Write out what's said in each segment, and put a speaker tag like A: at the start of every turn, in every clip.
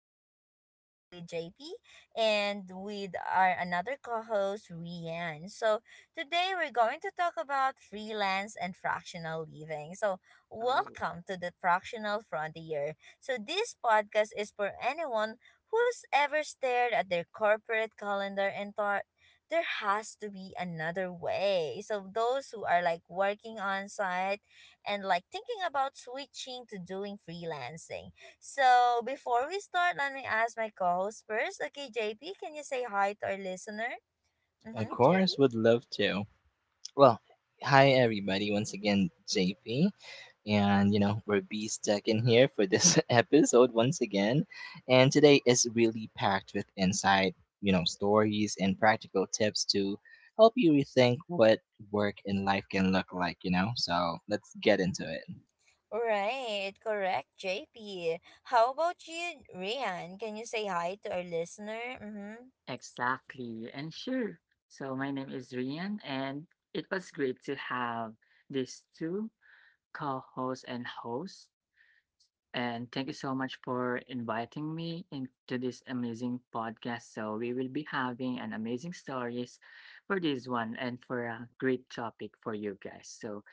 A: another session with JP and with our another co-host Rian. So today we're going to talk about freelance and fractional living. So
B: Oh,
A: welcome to the fractional frontier. So this podcast is for anyone who's ever stared at their corporate calendar and thought there has to be another way. So those who are like working on site and like thinking about switching to doing freelancing. So before we start, let me ask my co-host first. Okay, JP, can you say hi to our listener?
C: Of
A: Mm-hmm, JP?
C: course, would love to. Well, hi everybody, once again, JP. And, you know, we're B stuck in here for this episode once again. And today is really packed with insight, you know, stories and practical tips to help you rethink what work and life can look like, you know? So let's get into it.
A: Right, correct, JP. How about you, Rian? Can you say hi to our listener? Mm-hmm.
B: exactly. And sure. So my name is Rian, and it was great to have these two co-hosts and hosts. And thank you so much for inviting me into this amazing podcast. So we will be having an amazing stories for this one and for a great topic for you guys. So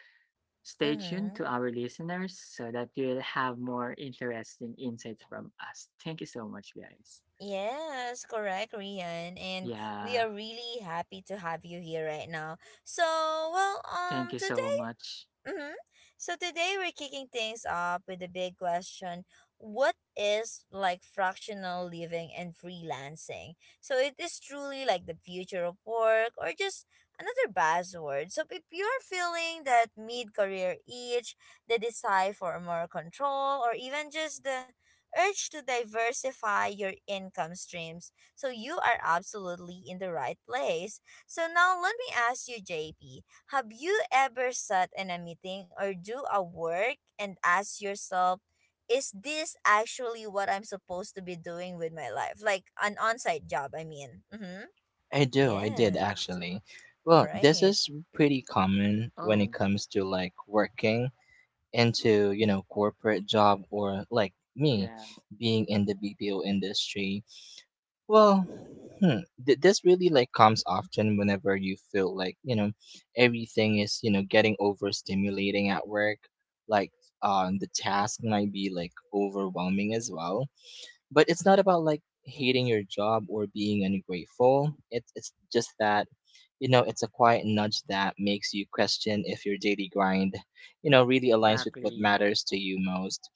B: stay tuned
A: Mm-hmm.
B: to our listeners so that you'll have more interesting insights from us. Thank you so much, guys.
A: Yes, correct, Rian. And we
B: Yeah,
A: are really happy to have you here right now. So,
B: thank you so
A: today.
B: much.
A: Mm-hmm. So today we're kicking things off with the big question, what is like fractional living and freelancing? So it is truly like the future of work or just another buzzword. So if you're feeling that mid career itch, the desire for more control, or even just the urge to diversify your income streams, so you are absolutely in the right place. So now let me ask you, JP, have you ever sat in a meeting or do a work and ask yourself, is this actually what I'm supposed to be doing with my life? Like an on site job, I mean. Mm-hmm.
C: I did
A: Yes.
C: actually. Well, this
A: Right.
C: is pretty common when it
B: Oh,
C: comes to like working into you know corporate job or like me
B: yeah,
C: being in the BPO industry. Well, hmm, this really like comes often whenever you feel like, you know, everything is, you know, getting overstimulating at work. Like, the task might be like overwhelming as well, but it's not about like hating your job or being ungrateful. It's just that, you know, it's a quiet nudge that makes you question if your daily grind, you know, really aligns with what
B: exactly.
C: matters to you most.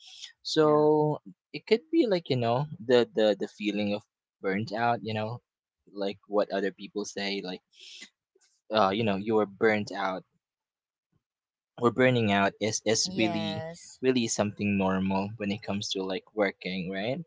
B: Yeah,
C: So it could be like, you know, the feeling of burnt out, you know, like what other people say, like you know, you are burnt out or burning out is really
A: Yes.
C: really something normal when it comes to like working, right?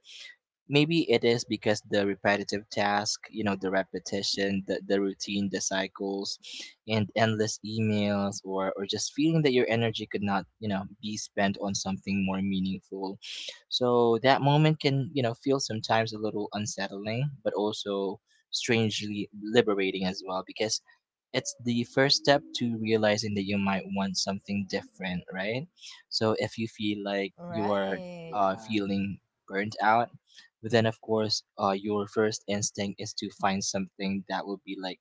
C: Maybe it is because the repetitive task, you know, the repetition, the routine, the cycles, and endless emails, or just feeling that your energy could not, you know, be spent on something more meaningful. So that moment can, you know, feel sometimes a little unsettling but also strangely liberating as well, because it's the first step to realizing that you might want something different, right? So if you feel like you are
A: Right.
B: yeah,
C: feeling burnt out, but then of course, your first instinct is to find something that would be like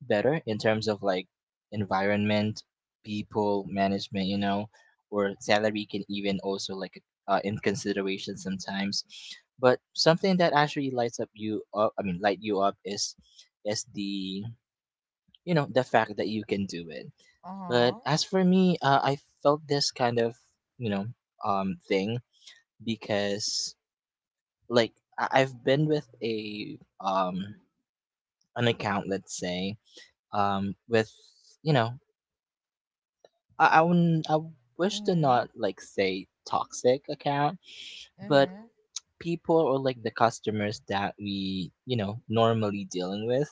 C: better in terms of like environment, people, management, you know, or salary can even also like in consideration sometimes. But something that actually lights up you up, I mean, light you up is the, you know, the fact that you can do it.
A: Uh
C: But
A: huh.
C: as for me, I felt this kind of, you know, thing, because like I've been with a an account, let's say, with, you know, I
A: Mm
C: wish to
A: hmm.
C: not like say toxic account,
A: Mm
C: but
A: hmm.
C: people or like the customers that we, you know, normally dealing with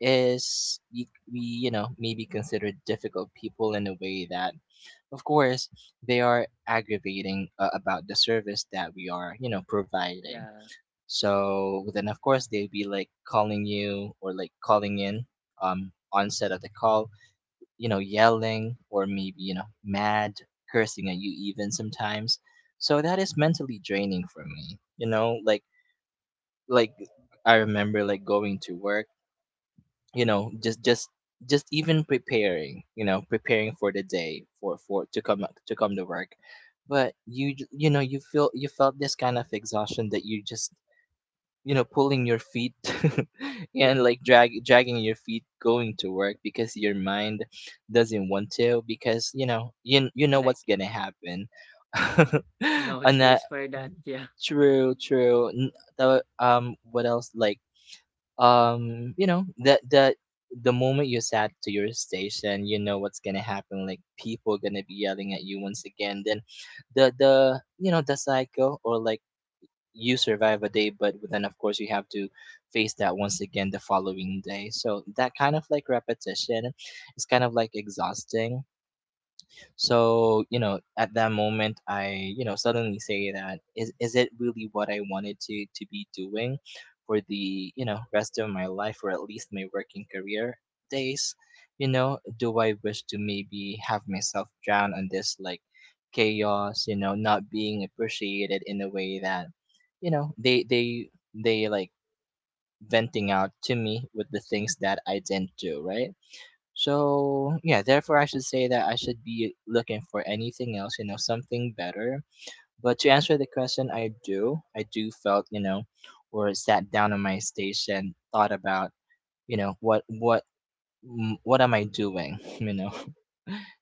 C: is we you know maybe considered difficult people in a way that, of course, they are aggravating about the service that we are, you know, providing.
B: yeah,
C: So then, of course, they'd be like calling you or like calling in, onset of the call, you know, yelling, or maybe, you know, mad, cursing at you even sometimes. So that is mentally draining for me, you know, like I remember like going to work, you know, just even preparing, you know, preparing for the day for to come to work, but you you know, you feel you felt this kind of exhaustion that you just, you know, pulling your feet
B: yeah.
C: and like dragging your feet going to work because your mind doesn't want to, because you know you know
B: Like
C: what's gonna happen.
B: no
C: And that
B: choice for that. Yeah,
C: true true what else like, you know, that the moment you sat to your station, you know what's gonna happen. Like people are gonna be yelling at you once again. Then the you know the cycle, or like you survive a day, but then of course you have to face that once again the following day. So that kind of like repetition is kind of like exhausting. So, you know, at that moment, I, you know, suddenly say that, is it really what I wanted to be doing for the, you know, rest of my life, or at least my working career days? You know, do I wish to maybe have myself drown on this like chaos, you know, not being appreciated in a way that, you know, they like venting out to me with the things that I didn't do, right? So yeah, therefore I should say that I should be looking for anything else, you know, something better. But to answer the question, I do felt, you know, or sat down on my station, thought about, you know, what am I doing, you know?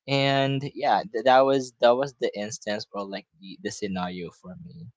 C: And yeah, that was the instance, or like the scenario for me.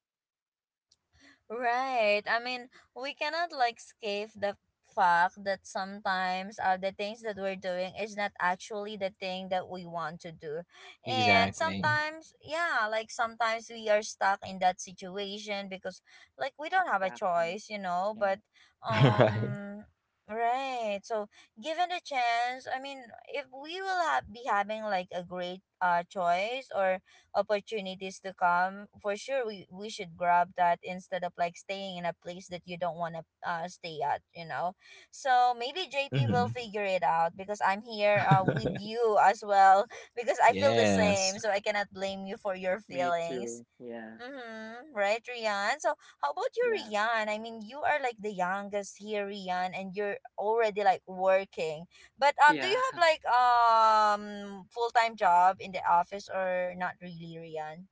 A: Right. I mean, we cannot like escape the fact that sometimes the things that we're doing is not actually the thing that we want to do. And
C: Exactly.
A: sometimes, yeah, like sometimes we are stuck in that situation because like we don't have a
B: exactly.
A: choice, you know, but
B: Yeah.
C: Right.
A: um right. So, given the chance, I mean, if we will have, be having like a great choice or opportunities to come, for sure we should grab that instead of like staying in a place that you don't want to stay at, you know. So maybe JP will
C: Hmm.
A: figure it out because I'm here with you as well because I feel the
C: Yes.
A: same, so I cannot blame you for your
B: Me
A: feelings.
B: too. Yeah,
A: Mm-hmm. Right, Rian. So, how about you,
B: yeah,
A: Rian? I mean, you are like the youngest here, Rian, and you're already like working. But do you
B: yeah.
A: have like full time job in the office or not really, Rian?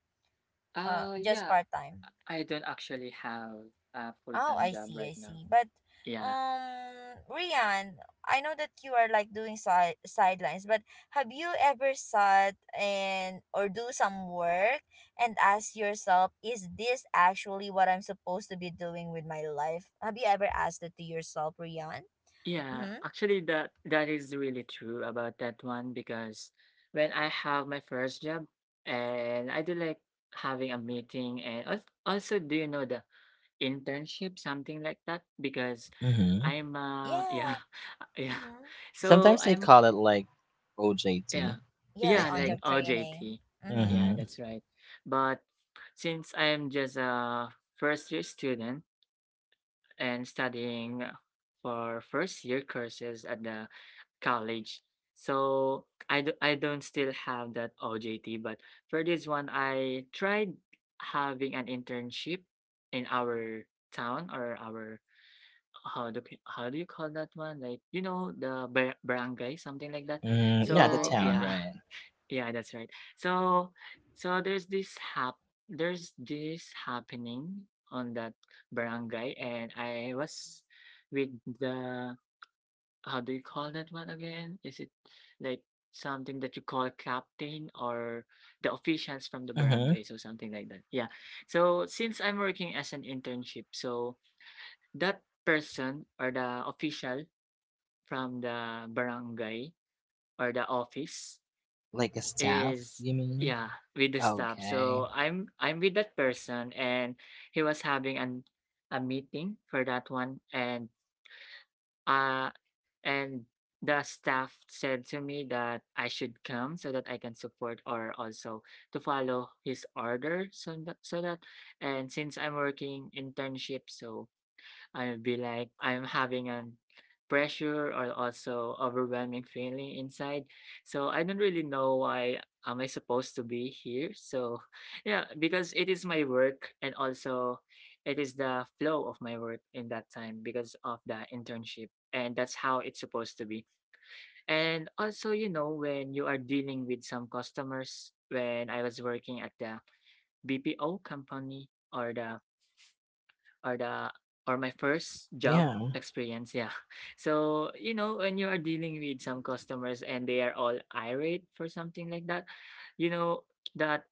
B: Uh,
A: Just
B: yeah.
A: part time.
B: I don't actually have a full
A: Oh,
B: time
A: I
B: job
A: see,
B: right
A: I
B: now.
A: see. But
B: Yeah,
A: Rian, I know that you are like doing side sidelines, but have you ever sat and or do some work and ask yourself, is this actually what I'm supposed to be doing with my life? Have you ever asked that to yourself, Rian?
B: yeah.
A: Mm-hmm.
B: Actually, that is really true about that one, because when I have my first job, and I do like having a meeting and also, do you know the internship, something like that, because
C: Hmm.
B: I'm yeah,
A: Yeah.
B: yeah.
A: Mm-hmm.
B: So
C: Sometimes they
B: I'm,
C: call it like
B: yeah.
C: OJT, I
A: Yes,
B: Yeah,
A: on
B: like
C: think.
A: job training.
B: OJT.
A: Mm-hmm.
B: Yeah,
C: Mhm.
B: that's right. But since I'm just a first year student and studying for first year courses at the college, so I don't still have that OJT. But for this one, I tried having an internship in our town, or our, how do p how do you call that one? Like, the ba barangay, something like that.
C: Mm, yeah, the
A: Yeah,
B: So
C: town,
A: yeah.
B: yeah,
C: right?
B: yeah, that's right. So so there's this happening on that barangay, and I was with the, how do you call that one again? Is it like something that you call captain, or the officials from the
C: Mhm.
B: barangay, so something like that. Yeah. So since I'm working as an internship, so that person, or the official from the barangay or the office,
C: Like a staff,
B: is,
C: you mean?
B: yeah, with the staff.
C: Okay.
B: So I'm with that person, and he was having an a meeting for that one, uh and the staff said to me that I should come so that I can support, or also to follow his order, so that, so that and since I'm working internship, so I'll be like, I'm having an pressure or also overwhelming feeling inside. So I don't really know why am I supposed to be here. So yeah, because it is my work, and also it is the flow of my work in that time because of the internship. And that's how it's supposed to be. And also, when you are dealing with some customers, when I was working at the BPO company or the or my first job
C: Yeah,
B: experience, yeah. So, when you are dealing with some customers and they are all irate for something like that, you know that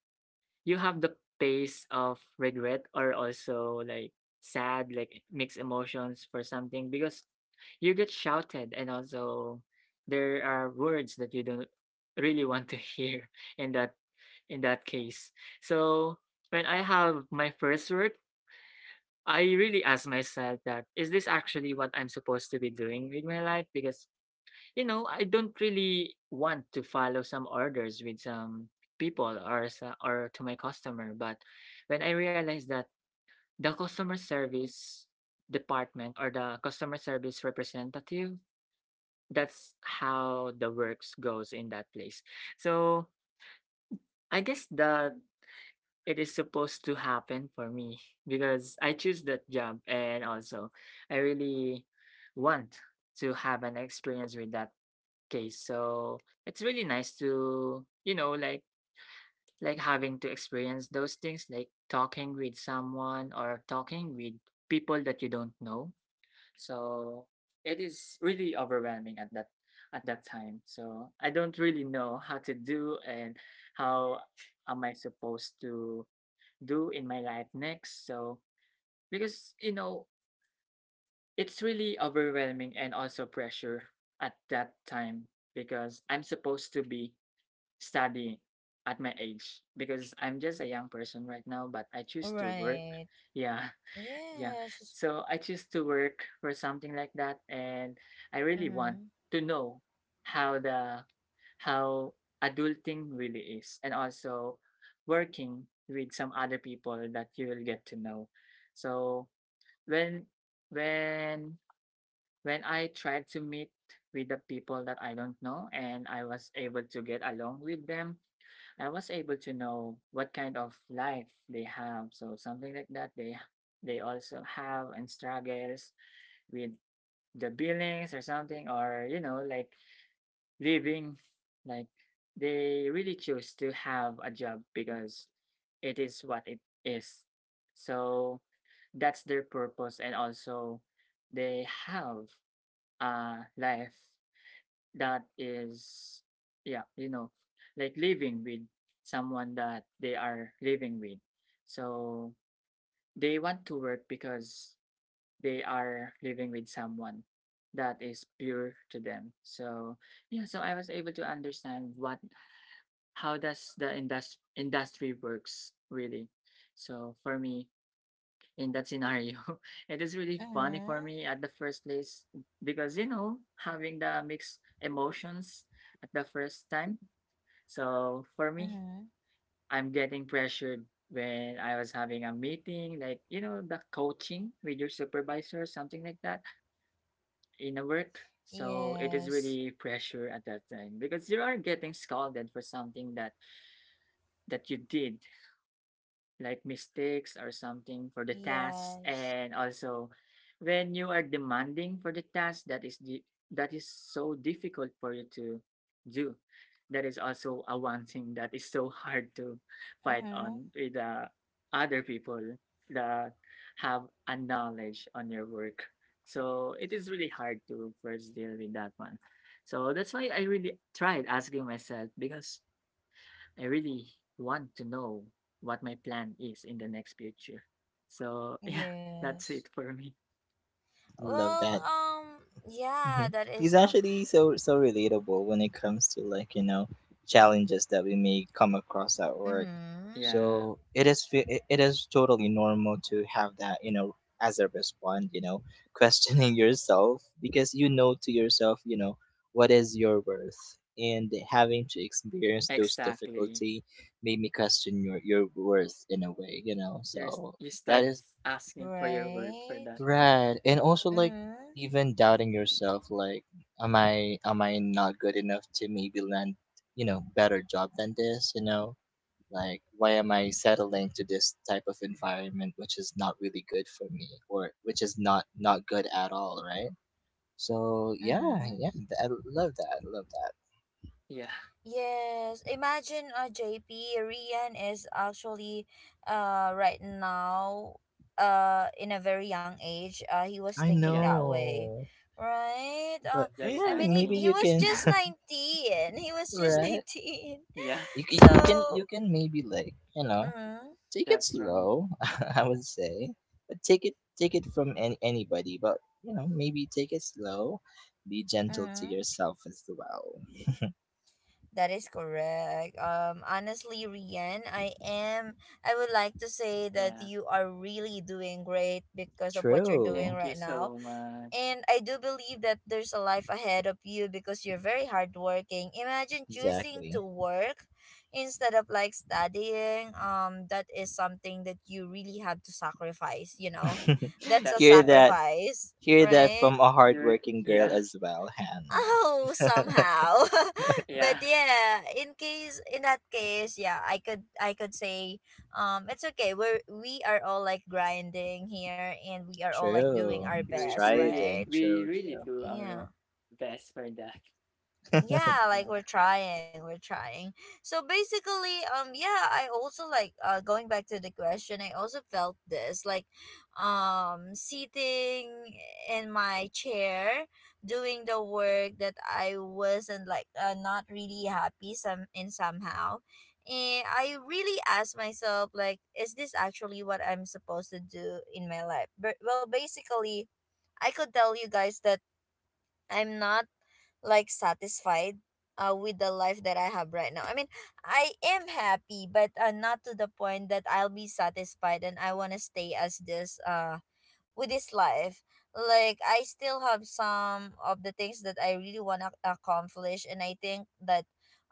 B: you have the taste of regret, or also like sad, like mixed emotions for something, because you get shouted, and also there are words that you don't really want to hear in that in that case. So when I have my first work, I really asked myself, that is this actually what I'm supposed to be doing with my life? Because I don't really want to follow some orders with some people, or to my customer. But when I realized that the customer service department, or the customer service representative, that's how the works goes in that place. So I guess the it is supposed to happen for me, because I choose that job, and also I really want to have an experience with that case. So it's really nice to, like having to experience those things, like talking with someone, or talking with people that you don't know. So it is really overwhelming at that time. So I don't really know how to do, and how am I supposed to do in my life next. So, because, it's really overwhelming and also pressure at that time, because I'm supposed to be studying at my age, because I'm just a young person right now, but I choose to work.
A: Right.
B: Yeah. Yeah.
A: Yes.
B: So I choose to work for something like that, and I really want
A: Mm-hmm.
B: to know how the how adulting really is, and also working with some other people that you will get to know. So when when when I tried to meet with the people that I don't know, and I was able to get along with them, I was able to know what kind of life they have. So something like that, they also have and struggles with the billings or something, or, like living. Like they really choose to have a job, because it is what it is. So that's their purpose, and also they have a life that is, yeah, like living with someone that they are living with, so they want to work because they are living with someone that is pure to them. So yeah, so I was able to understand what how does the industry works, really. So for me in that scenario. It is really funny
A: Mm-hmm.
B: for me at the first place, because having the mixed emotions at the first time. So for me,
A: Mm-hmm.
B: I'm getting pressured when I was having a meeting, like, the coaching with your supervisor, something like that in a work. So it is
A: Yes.
B: really pressure at that time, because you are getting scolded for something that you did, like mistakes or something for the task.
A: Yes.
B: And also when you are demanding for the task that is so difficult for you to do, that is also a one thing that is so hard to fight
A: Mm-hmm.
B: on with the other people that have a knowledge on your work. So it is really hard to first deal with that one. So that's why I really tried asking myself, because I really want to know what my plan is in the next future. So yeah, that's
A: Yes.
B: it for me.
C: love
A: Well,
C: that.
A: yeah,
C: Mhm.
A: that is
C: He's actually so so relatable when it comes to like, you know, challenges that we may come across at work.
A: mm-hmm.
C: So
B: Yeah,
C: it it it is totally normal to have that, you know, as a response, you know, questioning yourself, because you know, to yourself, you know, what is your worth, and having to experience those
B: exactly.
C: difficulty made me question your worth in a way, you know. So
B: You
C: that
B: start
C: is
B: asking for your word for
A: Right.
B: that one.
C: right. And also like
A: Mm-hmm.
C: even doubting yourself, like, am I not good enough to maybe land, you know, better job than this, you know? Like why am I settling to this type of environment, which is not really good for me, or which is not good at all, right? So, yeah,
A: Mm-hmm.
C: yeah, I love that. I love that.
B: Yeah,
A: Yes. Imagine JP, Rian is actually right now in a very young age. Uh, he was
C: I
A: thinking that
B: yeah,
A: way.
C: know.
A: Right?
C: But
B: that's
A: I
C: yeah,
A: mean he,
C: maybe
A: he
C: you
B: 19.
A: was
C: can
A: just 19. He was just
C: right?
A: 19.
B: Yeah,
C: You can
A: So
C: maybe like, you know,
A: mm-hmm.
C: take it
B: that's right.
C: slow, I would say, but take it from anybody. But you know, maybe take it slow, be gentle to
A: Mm-hmm.
C: yourself as well.
A: That is correct. Honestly, Rian, I am. I would like to say that
B: Yeah,
A: you are really doing great because of what you're doing
C: True,
B: thank
A: right
B: you
A: now,
B: so much.
A: and I do believe that there's a life ahead of you because you're very hardworking. Imagine choosing to
C: exactly.
A: work instead of like studying. That is something that you really have to sacrifice. You know, that's a
B: That's
C: Hear
B: right.
C: that,
A: sacrifice,
C: hear that
A: right?
C: from a hardworking girl
B: Yeah,
C: as well,
A: Oh,
C: Hannah.
A: somehow. But
B: yeah.
A: yeah, in case in that case, yeah, I could say it's okay. We are all like grinding here and we are all like doing
C: True,
A: our
B: We
A: best,
B: you really,
A: right?
C: striving.
B: we
C: True,
B: really
C: true.
B: do
A: Yeah,
B: our best for that.
A: yeah, like we're
B: Yeah.
A: trying we're trying So basically, yeah, I also like going back to the question, I also felt this like sitting in my chair doing the work that I wasn't like not really happy some in somehow. And I really asked myself like, is this actually what I'm supposed to do in my life? But well, basically, I could tell you guys that I'm not like satisfied with the life that I have right now. I mean, I am happy, but not to the point that I'll be satisfied and I want to stay as this with this life. Like, I still have some of the things that I really want to accomplish, and I think that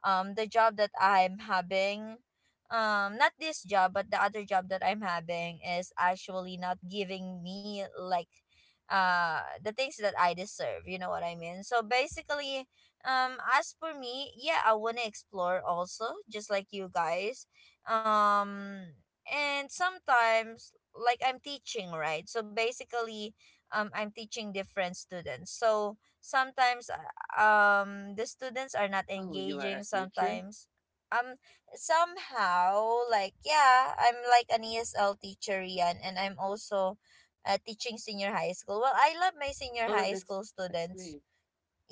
A: the job that I'm having, not this job but the other job that I'm having, is actually not giving me like the things that I deserve. You know what I mean? So basically, as for me, yeah, I wanna explore also, just like you guys. Um, and sometimes like I'm teaching, right? So basically, I'm teaching different students. So sometimes the students are not
B: Oh, you are
A: engaging
B: a teacher?
A: sometimes, um somehow, like yeah, I'm like an ESL teacher yan, and I'm also teaching senior high school. Well, I love my senior
B: Oh,
A: high
B: that's
A: school
B: that's
A: students.
B: great.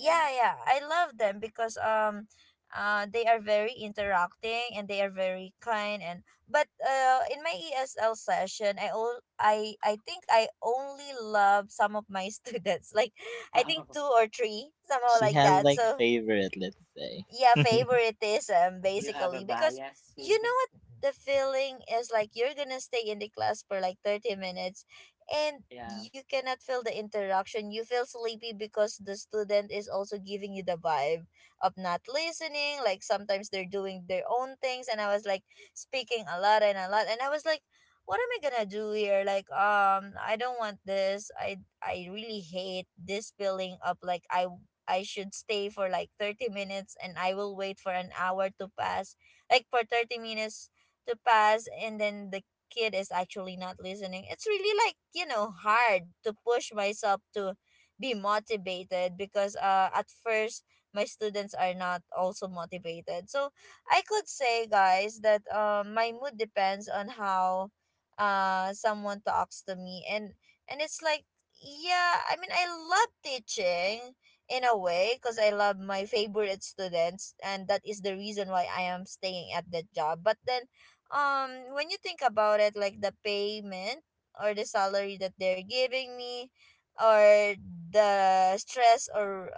B: Yeah.
A: yeah, I love them because they are very interacting and they are very kind. And but in my ESL session, I think I only love some of my students. Like, I think
B: Oh,
A: two or three somehow,
C: She
A: like
C: has
B: yeah.
A: that.
C: like
A: So
C: favorite, let's say.
A: yeah, favoritism
B: You have a
A: basically, because
B: bias
A: you
B: with the.
A: know what, the feeling is like you're gonna stay in the class for like 30 minutes and
B: Yeah.
A: you cannot feel the interaction, you feel sleepy because the student is also giving you the vibe of not listening, like sometimes they're doing their own things, and I was like speaking a lot and a lot, and I was like, what am I gonna do here, like I don't want this. I really hate this feeling of like, I should stay for like 30 minutes and I will wait for an hour to pass, like for 30 minutes to pass, and then the kid is actually not listening. It's really like, you know, hard to push myself to be motivated because at first my students are not also motivated. So I could say, guys, that my mood depends on how someone talks to me. And it's like, yeah, I mean, I love teaching in a way because I love my favorite students and that is the reason why I am staying at that job. But then when you think about it, like the payment or the salary that they're giving me, or the stress, or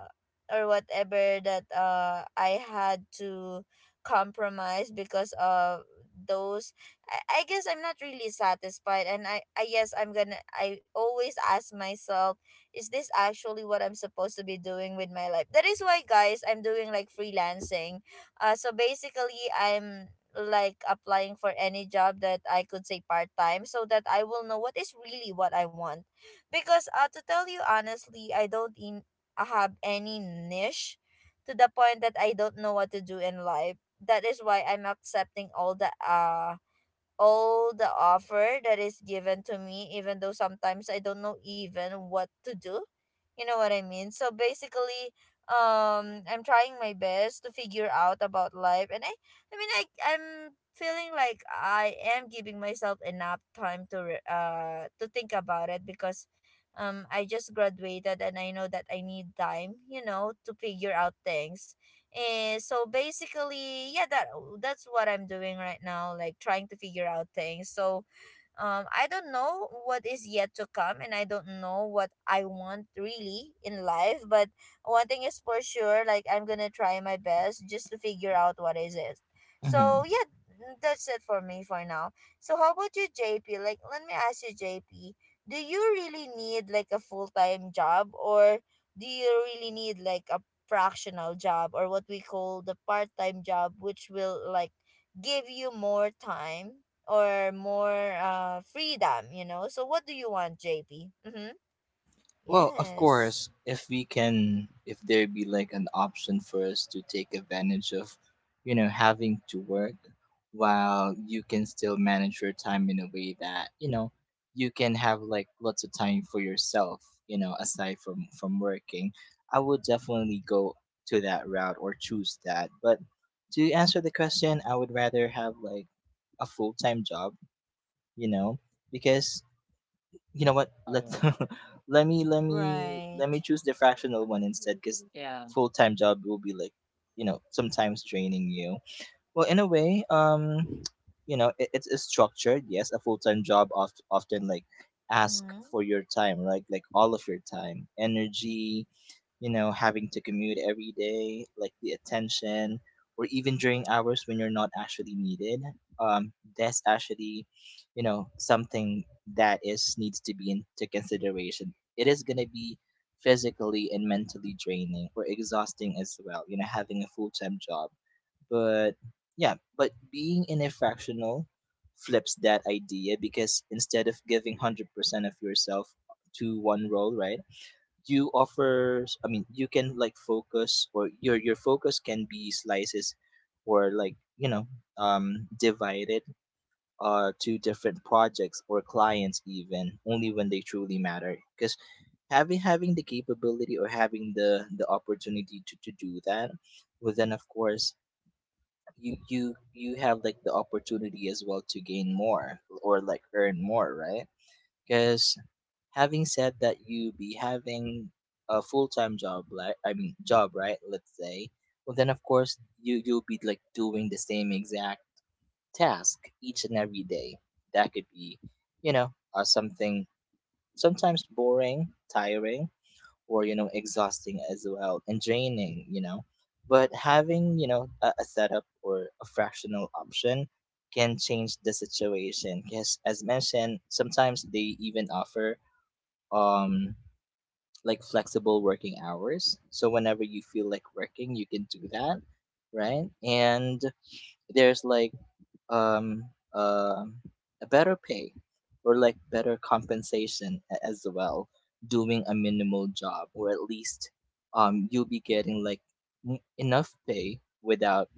A: or whatever that I had to compromise because of those, I guess I'm not really satisfied, and I guess I'm gonna, I always ask myself, is this actually what I'm supposed to be doing with my life? That is why, guys, I'm doing like freelancing. So basically, I'm like applying for any job that I could say part time, so that I will know what is really what I want. Because to tell you honestly, I don't in- I have any niche to the point that I don't know what to do in life. That is why I'm accepting all the offer that is given to me, even though sometimes I don't know even what to do. You know what I mean? So basically, I'm trying my best to figure out about life, and I'm feeling like I am giving myself enough time to, to think about it because, I just graduated and I know that I need time, you know, to figure out things. And so basically, yeah, that's what I'm doing right now, like trying to figure out things. So I don't know what is yet to come and I don't know what I want really in life, but one thing is for sure, like I'm gonna try my best just to figure out what is it.
C: Mhm.
A: So yeah, that's it for me for now. So how about you, JP? Like, let me ask you, JP, do you really need like a full-time job, or do you really need like a fractional job, or what we call the part-time job, which will like give you more time or more freedom, you know. So what do you want, JP? Mhm.
C: Well, of
A: Yes.
C: course, if we can, if there be like an option for us to take advantage of, you know, having to work while you can still manage your time in a way that, you know, you can have like lots of time for yourself, you know, aside from working, I would definitely go to that route or choose that. But to answer the question, I would rather have like a full-time job, you know, because you know what, let's
B: Oh,
C: let
A: Right.
C: me choose the fractional one instead, because
B: yeah.
C: full-time job will be like, you know, sometimes draining you. Well, in a way, you know, it's structured. Yes, a full-time job often like ask
A: Mhm.
C: for your time, right? Like all of your time, energy, you know, having to commute every day, like the attention, or even during hours when you're not actually needed. That's actually, you know, something that is needs to be into consideration. It is gonna be physically and mentally draining or exhausting as well, you know, having a full time job. But yeah, but being in a fractional flips that idea, because instead of giving 100% of yourself to one role, right? You offer, I mean, you can like focus, or your focus can be slices, or like, you know, divided to different projects or clients, even only when they truly matter. Because having the capability, or having the opportunity to do that, well then of course you have like the opportunity as well to gain more, or like earn more, right? Because having said that, you be having a full-time job, like I mean job, right, let's say, well then of course you you'll be like doing the same exact task each and every day. That could be, you know, something sometimes boring, tiring, or you know, exhausting as well, and draining, you know. But having, you know, a setup or a fractional option can change the situation, because as mentioned, sometimes they even offer um like flexible working hours. So whenever you feel like working, you can do that, right? And there's like um uh, a better pay, or like better compensation as well, doing a minimal job, or at least you'll be getting like enough pay without,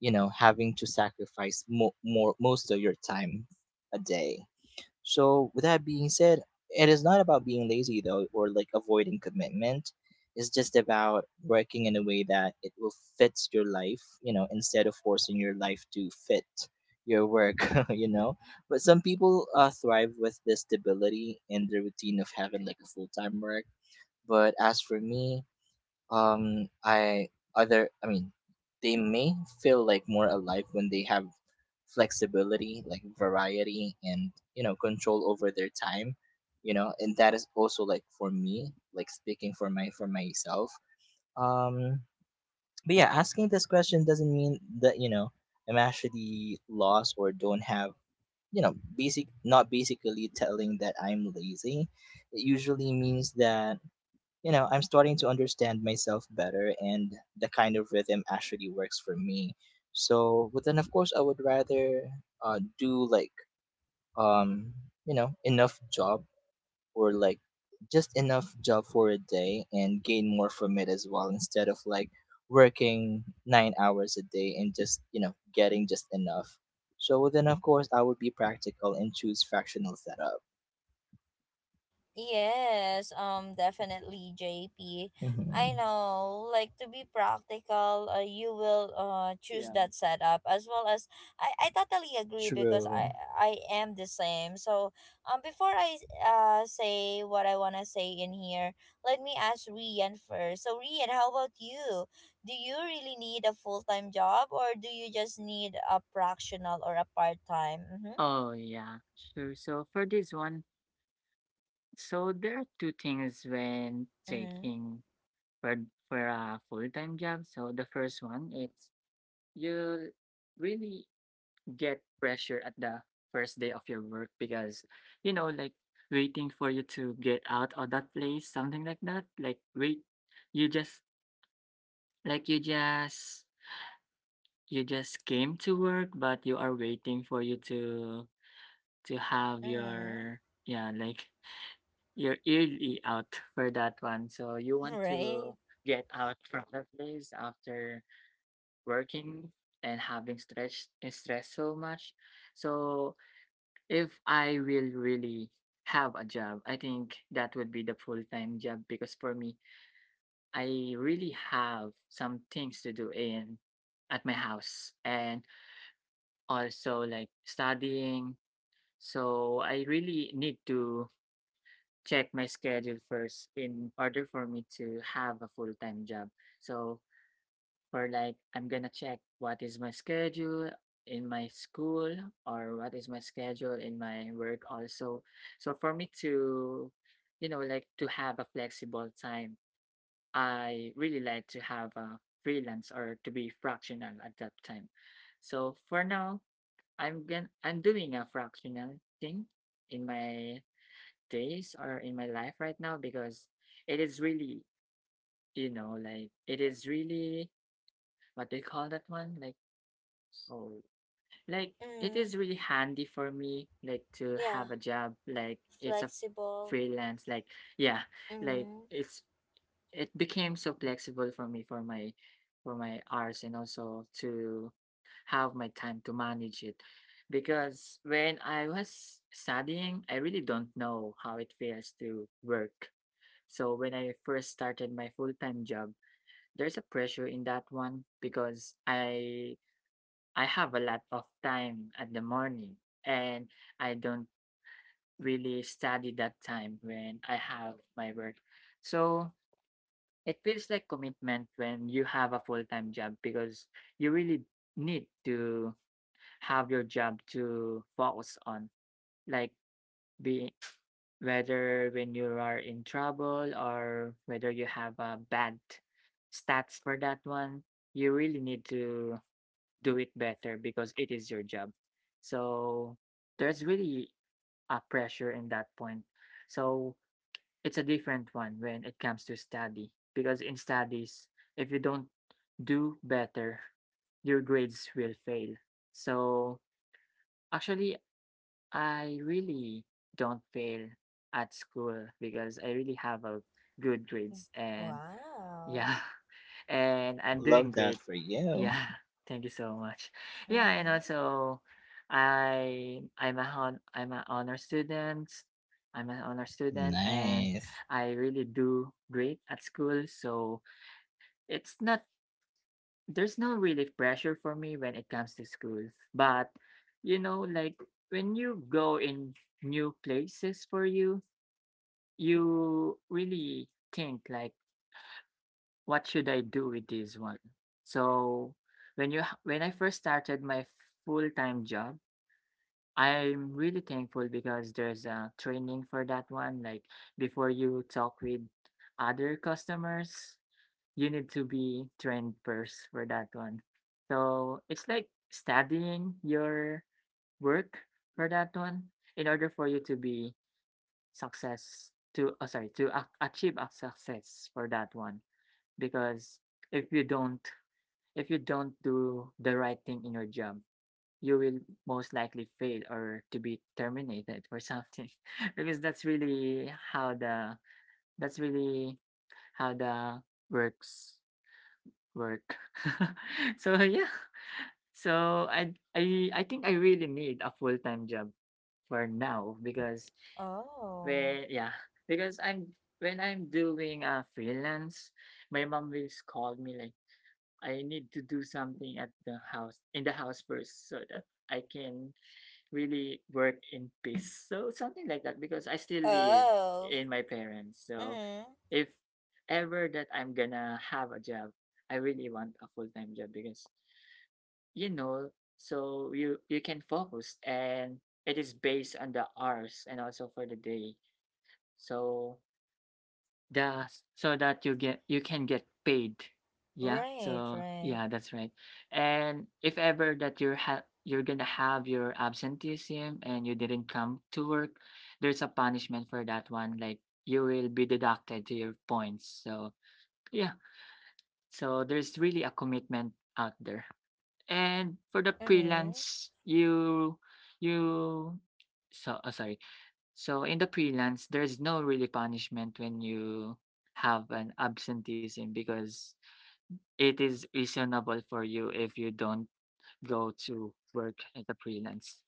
C: you know, having to sacrifice more most of your time a day. So, with that being said, it is not about being lazy though, or like avoiding commitment. It's just about working in a way that it will fit your life, you know, instead of forcing your life to fit your work, you know. But some people thrive with the stability and the routine of having like a full time work. But as for me, I other I mean they may feel like more alive when they have flexibility, like variety and, you know, control over their time. You know, and that is also, like, for me, like speaking for my for myself. um but yeah, asking this question doesn't mean that, you know, I'm actually lost or don't have, you know, basic not basically telling that I'm lazy. It usually means that, you know, I'm starting to understand myself better and the kind of rhythm actually works for me. So, but then of course, I would rather do like, um, you know, enough job, or like just enough job for a day, and gain more from it as well, instead of like working 9 hours a day and just, getting just enough. So well, then, of course, I would be practical and choose fractional setup.
A: Yes, definitely, JP. I
C: Hmm.
A: know, like to be practical, you will choose
B: Yeah.
A: that setup as well, as I totally agree because I
C: True.
A: I am the same. So before I say what I wanna say in here, let me ask Rian first. So Rian, how about you? Do you really need a full time job, or do you just need a fractional or a part time? Mm-hmm.
B: Oh, yeah. Sure. So for this one, so there are two things when
A: Mm-hmm.
B: taking for a full-time job. So the first one is, you really get pressure at the first day of your work, because like waiting for you to get out of that place, something like that. Like wait, you just like you just you just came to work, but you are waiting for you to have your, yeah, like your early out for that one, so you
A: Mm-hmm.
B: want
A: Right.
B: to get out from that place after working and having stress so much. So if I will really have a job, I think that would be the full-time job, because for me, I really have some things to do in at my house, and also like studying. So I really need to check my schedule first in order for me to have a full time job. So for like I'm gonna check what is my schedule in my school, or what is my schedule in my work also. So for me to like to have a flexible time, I really like to have a freelance or to be fractional at that time. So for now, I'm doing a fractional thing in my days or in my life right now, because it is really, like it is really, what do you call that one? Like, oh, like it is really handy for me, like to
A: Yeah,
B: have a job, like it's a
A: flexible.
B: freelance, like, yeah. Like
A: Mm-hmm.
B: it became so flexible for me, for my hours, and also to have my time to manage it. Because when I was studying, I really don't know how it feels to work. So when I first started my full-time job, there's a pressure in that one, because I have a lot of time at the morning, and I don't really study that time when I have my work. So it feels like commitment when you have a full-time job, because you really need to have your job to focus on. Like, be whether when you are in trouble, or whether you have a bad stats for that one, you really need to do it better, because it is your job. So there's really a pressure in that point. So it's a different one when it comes to study, because in studies, if you don't do better, your grades will fail. So actually, I really don't fail at school, because I really have a good grades, and
A: Wow.
B: yeah, and I'm
C: Love
B: doing
C: that
B: great.
C: for you.
B: Yeah, thank you so much. Yeah, and
A: Mm-hmm.
B: also I'm an honor student. I'm an honor student and
C: Nice.
B: I really do great at school. So it's not there's no really pressure for me when it comes to school. But you know, like when you go in new places for you, you really think like what should I do with this one? So when I first started my full time job, I'm really thankful because there's a training for that one. Like before you talk with other customers, you need to be trained first for that one. So it's like studying your work for that one in order for you to be success to oh, sorry to a- achieve a success for that one because if you don't if you don't do the right thing in your job, you will most likely fail or to be terminated or something because that's really how the works work. So yeah. So I think I really need a full-time job for now because
A: Oh.
B: when yeah, because I'm when I'm doing a freelance, my mom will scold me like I need to do something at the house in the house first so that I can really work in peace. So something like that because I still live
A: Oh.
B: in my parents. So
A: Mm-hmm.
B: if ever that I'm gonna have a job, I really want a full time job because you know, so you can focus and it is based on the hours and also for the day. So just so that you get you can get paid. Yeah.
A: Right,
B: So
A: right.
B: yeah, that's right. And if ever that you're gonna have your absenteeism and you didn't come to work, there's a punishment for that one. Like you will be deducted to your points. So yeah. So there's really a commitment out there. And for the
A: Mm-hmm.
B: freelance, you so oh, sorry so in the freelance, there's no really punishment when you have an absenteeism because it is reasonable for you if you don't go to work at the freelance.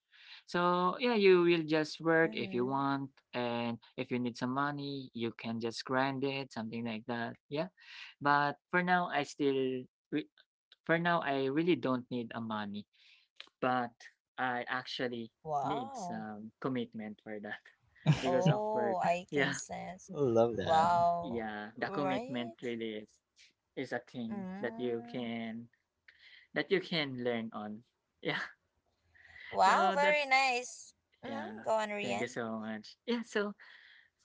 B: So yeah, you will just work if you
A: Mm-hmm.
B: want, and if you need some money, you can just grind it, something like that. Yeah, but for now, re- for now, I really don't need a money but I actually need
A: Wow.
B: some commitment for that because of
A: Oh,
B: work.
A: I can
B: Yeah,
A: sense.
C: Love that.
A: Wow.
B: yeah, the
A: Right?
B: commitment really is a thing
A: Mm.
B: that you can learn on. Yeah,
A: Wow,
B: so
A: very
B: that's
A: nice. Mm-hmm.
B: yeah.
A: Go on,
B: Thank you
A: Rian.
B: so much. Yeah, so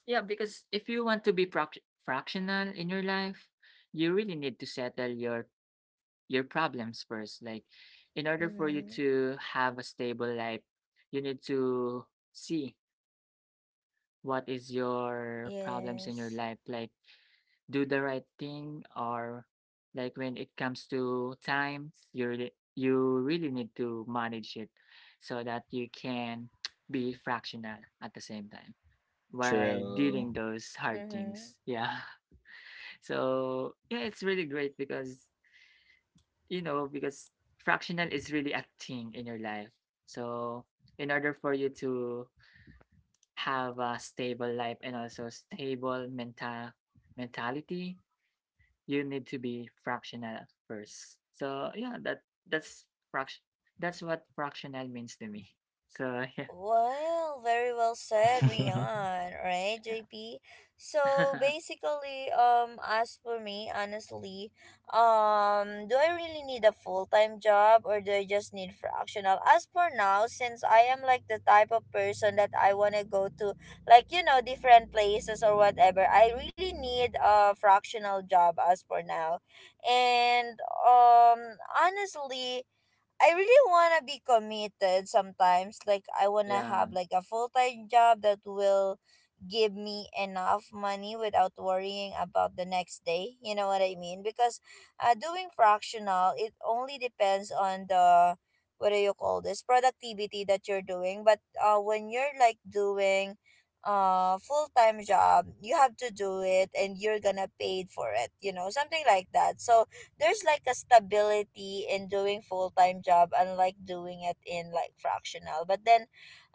B: yeah, because if you want to be fractional in your life, you really need to settle your problems first. Like, in order for you
A: Mm-hmm.
B: to have a stable life, you need to see what is your problems in your
A: Yes.
B: life like do the right thing or like when it comes to time you really need to manage it so that you can be fractional at the same time while
C: True.
B: dealing those hard
A: Mm-hmm.
B: things yeah so yeah it's really great because because fractional is really a thing in your life so in order for you to have a stable life and also stable mentality, you need to be fractional first. So yeah, that's fraction. That's what fractional means to me. So yeah,
A: Well, very well said, Rian. Right, JP. So
B: yeah,
A: basically, as for me, honestly, do I really need a full time job or do I just need fractional? As for now, since I am like the type of person that I wanna go to, like you know, different places or whatever, I really need a fractional job as for now, and um, honestly I really want to be committed sometimes. Like, I want to
B: yeah.
A: have like a full time job that will give me enough money without worrying about the next day. You know what I mean? Because doing fractional, it only depends on the what do you call this productivity that you're doing. But when you're like doing full time job, you have to do it and you're gonna paid for it. You know, something like that. So there's like a stability in doing full-time job unlike doing it in like fractional but then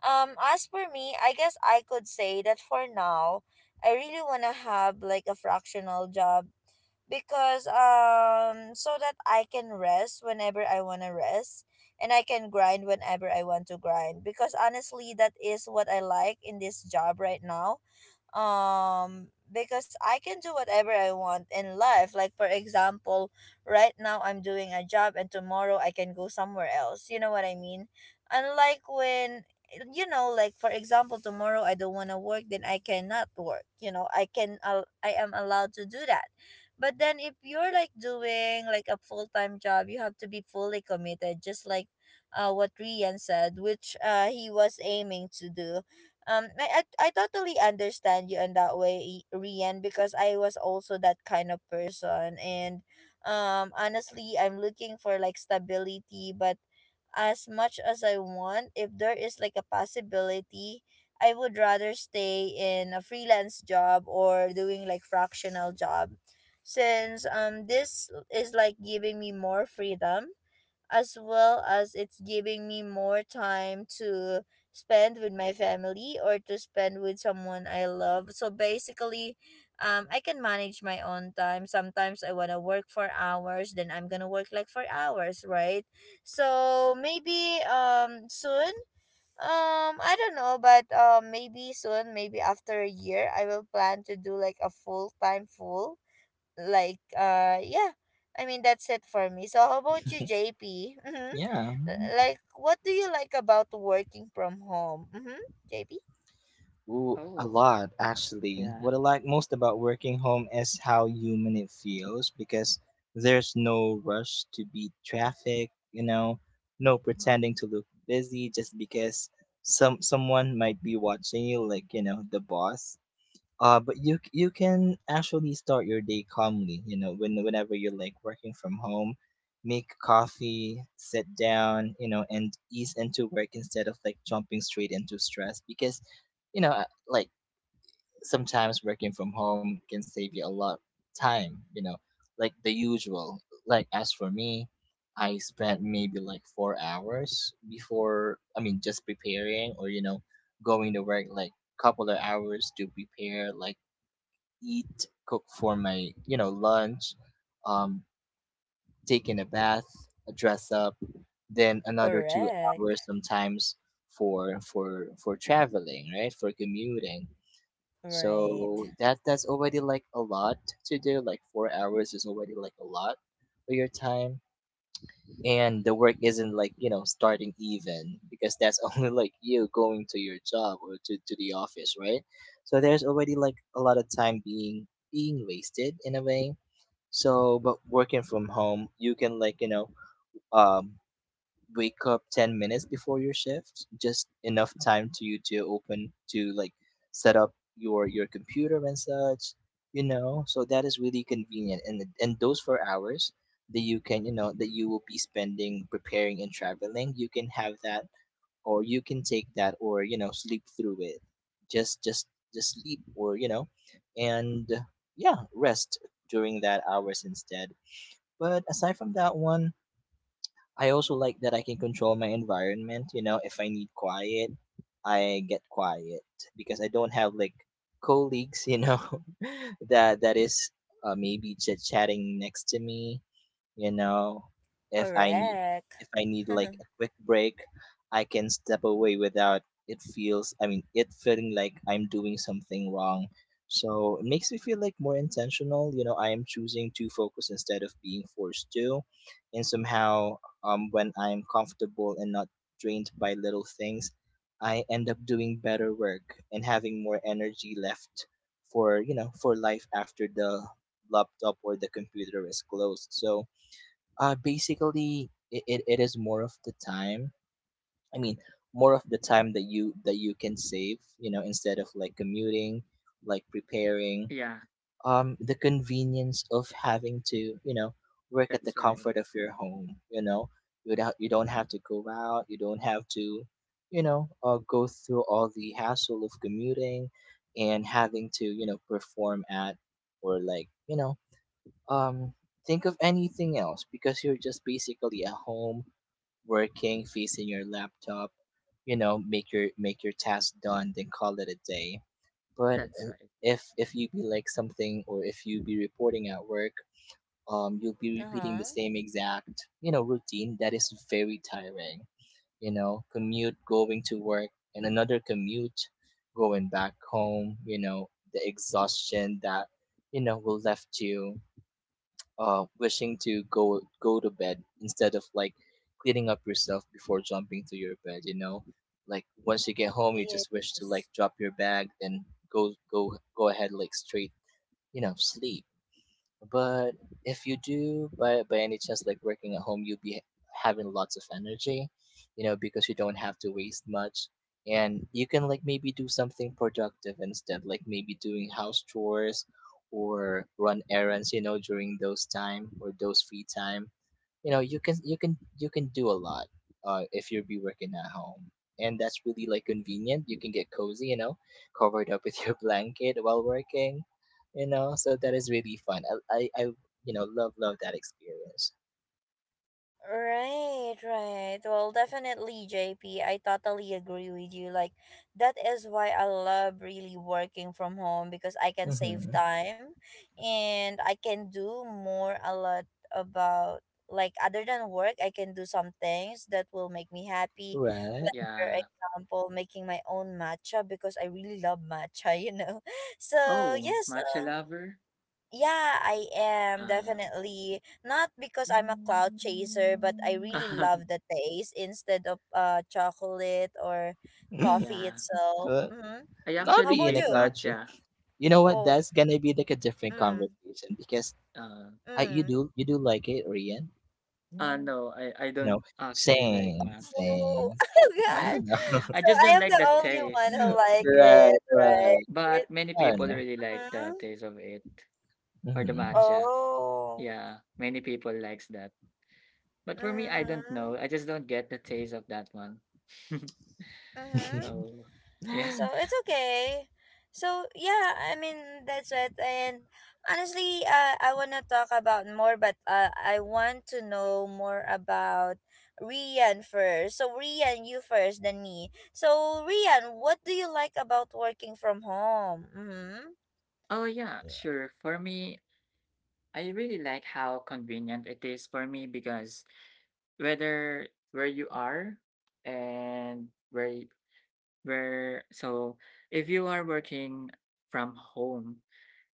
A: as for me I guess I could say that for now I really want to have like a fractional job because so that I can rest whenever I want to rest and I can grind whenever I want to grind because honestly that is what I like in this job right now. Because I can do whatever I want in life. Like for example, right now I'm doing a job and tomorrow I can go somewhere else. You know what I mean? Unlike when you know like for example tomorrow I don't want to work then I cannot work. You know, I am allowed to do that. But then if you're like doing like a full-time job, you have to be fully committed just like what Rian said, which he was aiming to do. I totally understand you in that way, Rian, because I was also that kind of person. And honestly, I'm looking for like stability, but as much as I want, if there is like a possibility, I would rather stay in a freelance job or doing like fractional job, since this is like giving me more freedom as well as it's giving me more time to spend with my family or to spend with someone I love. So basically, I can manage my own time. Sometimes I want to work for hours, then I'm going to work like for hours, right? So maybe soon, I don't know, but maybe soon, maybe after a year, I will plan to do like a full-time full like yeah, I mean that's it for me. So how about you, JP? Mm-hmm.
C: yeah.
A: Like what do you like about working from home? Mm-hmm. JP?
C: Ooh, a
B: Oh
C: lot, actually.
B: yeah,
C: What I like most about working home is how human it feels, because there's no rush to beat traffic, you know, no pretending to look busy just because someone might be watching you, like, you know, the boss. But you can actually start your day calmly. You know, when whenever you're like working from home, make coffee, sit down, you know, and ease into work instead of like jumping straight into stress because, you know, like sometimes working from home can save you a lot time. You know, like the usual. Like as for me, I spent maybe like 4 hours before. I mean, just preparing, or, you know, going to work like couple of hours to prepare, like eat, cook for my, you know, lunch, um, take in a bath, dress up, then another two
A: Correct.
C: hours sometimes for traveling, right? For commuting.
A: Right.
C: So that's already like a lot to do. Like 4 hours is already like a lot of your time, and the work isn't, like, you know, starting even, because that's only like you going to your job, or to the office, right? So there's already like a lot of time being wasted in a way. So, but working from home, you can, like, you know, um wake up 10 minutes before your shift, just enough time to you to open, to like set up your computer and such, you know. So that is really convenient, and those 4 hours that you can, you know, that you will be spending preparing and traveling, you can have that, or you can take that, or, you know, sleep through it, just just just sleep, or, you know, and yeah, rest during that hours instead. But aside from that one, I also like that I can control my environment. You know, if I need quiet, I get quiet, because I don't have like colleagues. You know, that is maybe chit chatting next to me, you know. If i need
A: Correct.
C: if I need like a quick break, I can step away without it feeling like I'm doing something wrong. So it makes me feel like more intentional. You know, I am choosing to focus instead of being forced to. And somehow, when I'm comfortable and not drained by little things, I end up doing better work and having more energy left for, you know, for life after the laptop or the computer is closed. So basically, it is more of the time. I mean, more of the time that you can save. You know, instead of like commuting, like preparing.
B: yeah.
C: The convenience of having to, you know, work at
B: That's
C: the
B: right.
C: comfort of your home. You know, you don't have to go out. You don't have to, you know, go through all the hassle of commuting and having to, you know, perform at, or like, you know, um, think of anything else, because you're just basically at home working, facing your laptop. You know, make your task done, then call it a day. But
B: That's right.
C: if you be like something, or if you be reporting at work, you'll be repeating the
A: Uh-huh.
C: same exact, you know, routine that is very tiring. You know, commute going to work and another commute going back home. You know, the exhaustion that, you know, will left you wishing to go to bed instead of like cleaning up yourself before jumping to your bed. You know, like once you get home, you just wish to
A: Yes.
C: like drop your bag, then go ahead like straight, you know, sleep. But if you do, by any chance, like working at home, you'll be having lots of energy, you know, because you don't have to waste much, and you can like maybe do something productive instead, like maybe doing house chores or run errands, you know, during those time or those free time. You know, you can do a lot if you be working at home. And that's really like convenient. You can get cozy, you know, covered up with your blanket while working, you know. So that is really fun. I, you know, love that experience.
A: Right, right. Well, definitely, J P. I totally agree with you. Like, that is why I love really working from home because I can save
C: Mm-hmm.
A: time and I can do more a lot about, like, other than work, I can do some things that will make me happy.
C: Right.
A: Like, for
B: Yeah.
A: example, making my own matcha because I really love matcha, you know? So,
B: Oh,
A: yes,
B: matcha
A: um,
B: lover.
A: yeah, I am
B: Um.
A: definitely not because I'm a cloud chaser, but I really love the taste instead of chocolate or coffee
B: yeah,
A: itself.
C: Good.
A: Mm-hmm.
B: I
C: Not
A: How
B: actually
C: be in
A: about
C: a
B: hate
A: you?
C: cloud chase.
B: matcha.
C: You know what,
A: Oh,
C: that's gonna be like a different
A: mm,
C: conversation, because
B: Uh,
C: I
A: mm.
C: you do like it, Rian?
B: Mm. No, I don't
C: No.
B: actually like
C: Same,
B: matcha.
A: Oh,
C: same.
A: oh
C: I
B: Yeah,
A: gosh.
C: don't
B: I
A: So
B: just
A: I
B: don't
A: am
B: like
A: the
B: the
A: only one
B: taste.
A: who
C: know.
A: like
B: Mm.
C: right,
A: it, right?
C: right.
B: But many
C: I don't
B: people
C: know.
B: really like the
A: Mm-hmm.
B: taste of it for the
C: Mhm.
B: matcha.
A: Oh.
B: Yeah, many people likes that. But for me, I don't
A: Mm-hmm.
B: know. I just don't get the taste of that one.
A: Mm-hmm.
B: so, yeah.
A: So it's okay. So yeah, I mean that's it. And honestly, I wanna talk about more, but I want to know more about Rian first. So Rian, you first, then me. So Rian, what do you like about working from home? Mm-hmm.
B: Oh yeah,
A: Yeah.
B: sure. For me, I really like how convenient it is for me because whether where you are and where so if you are working from home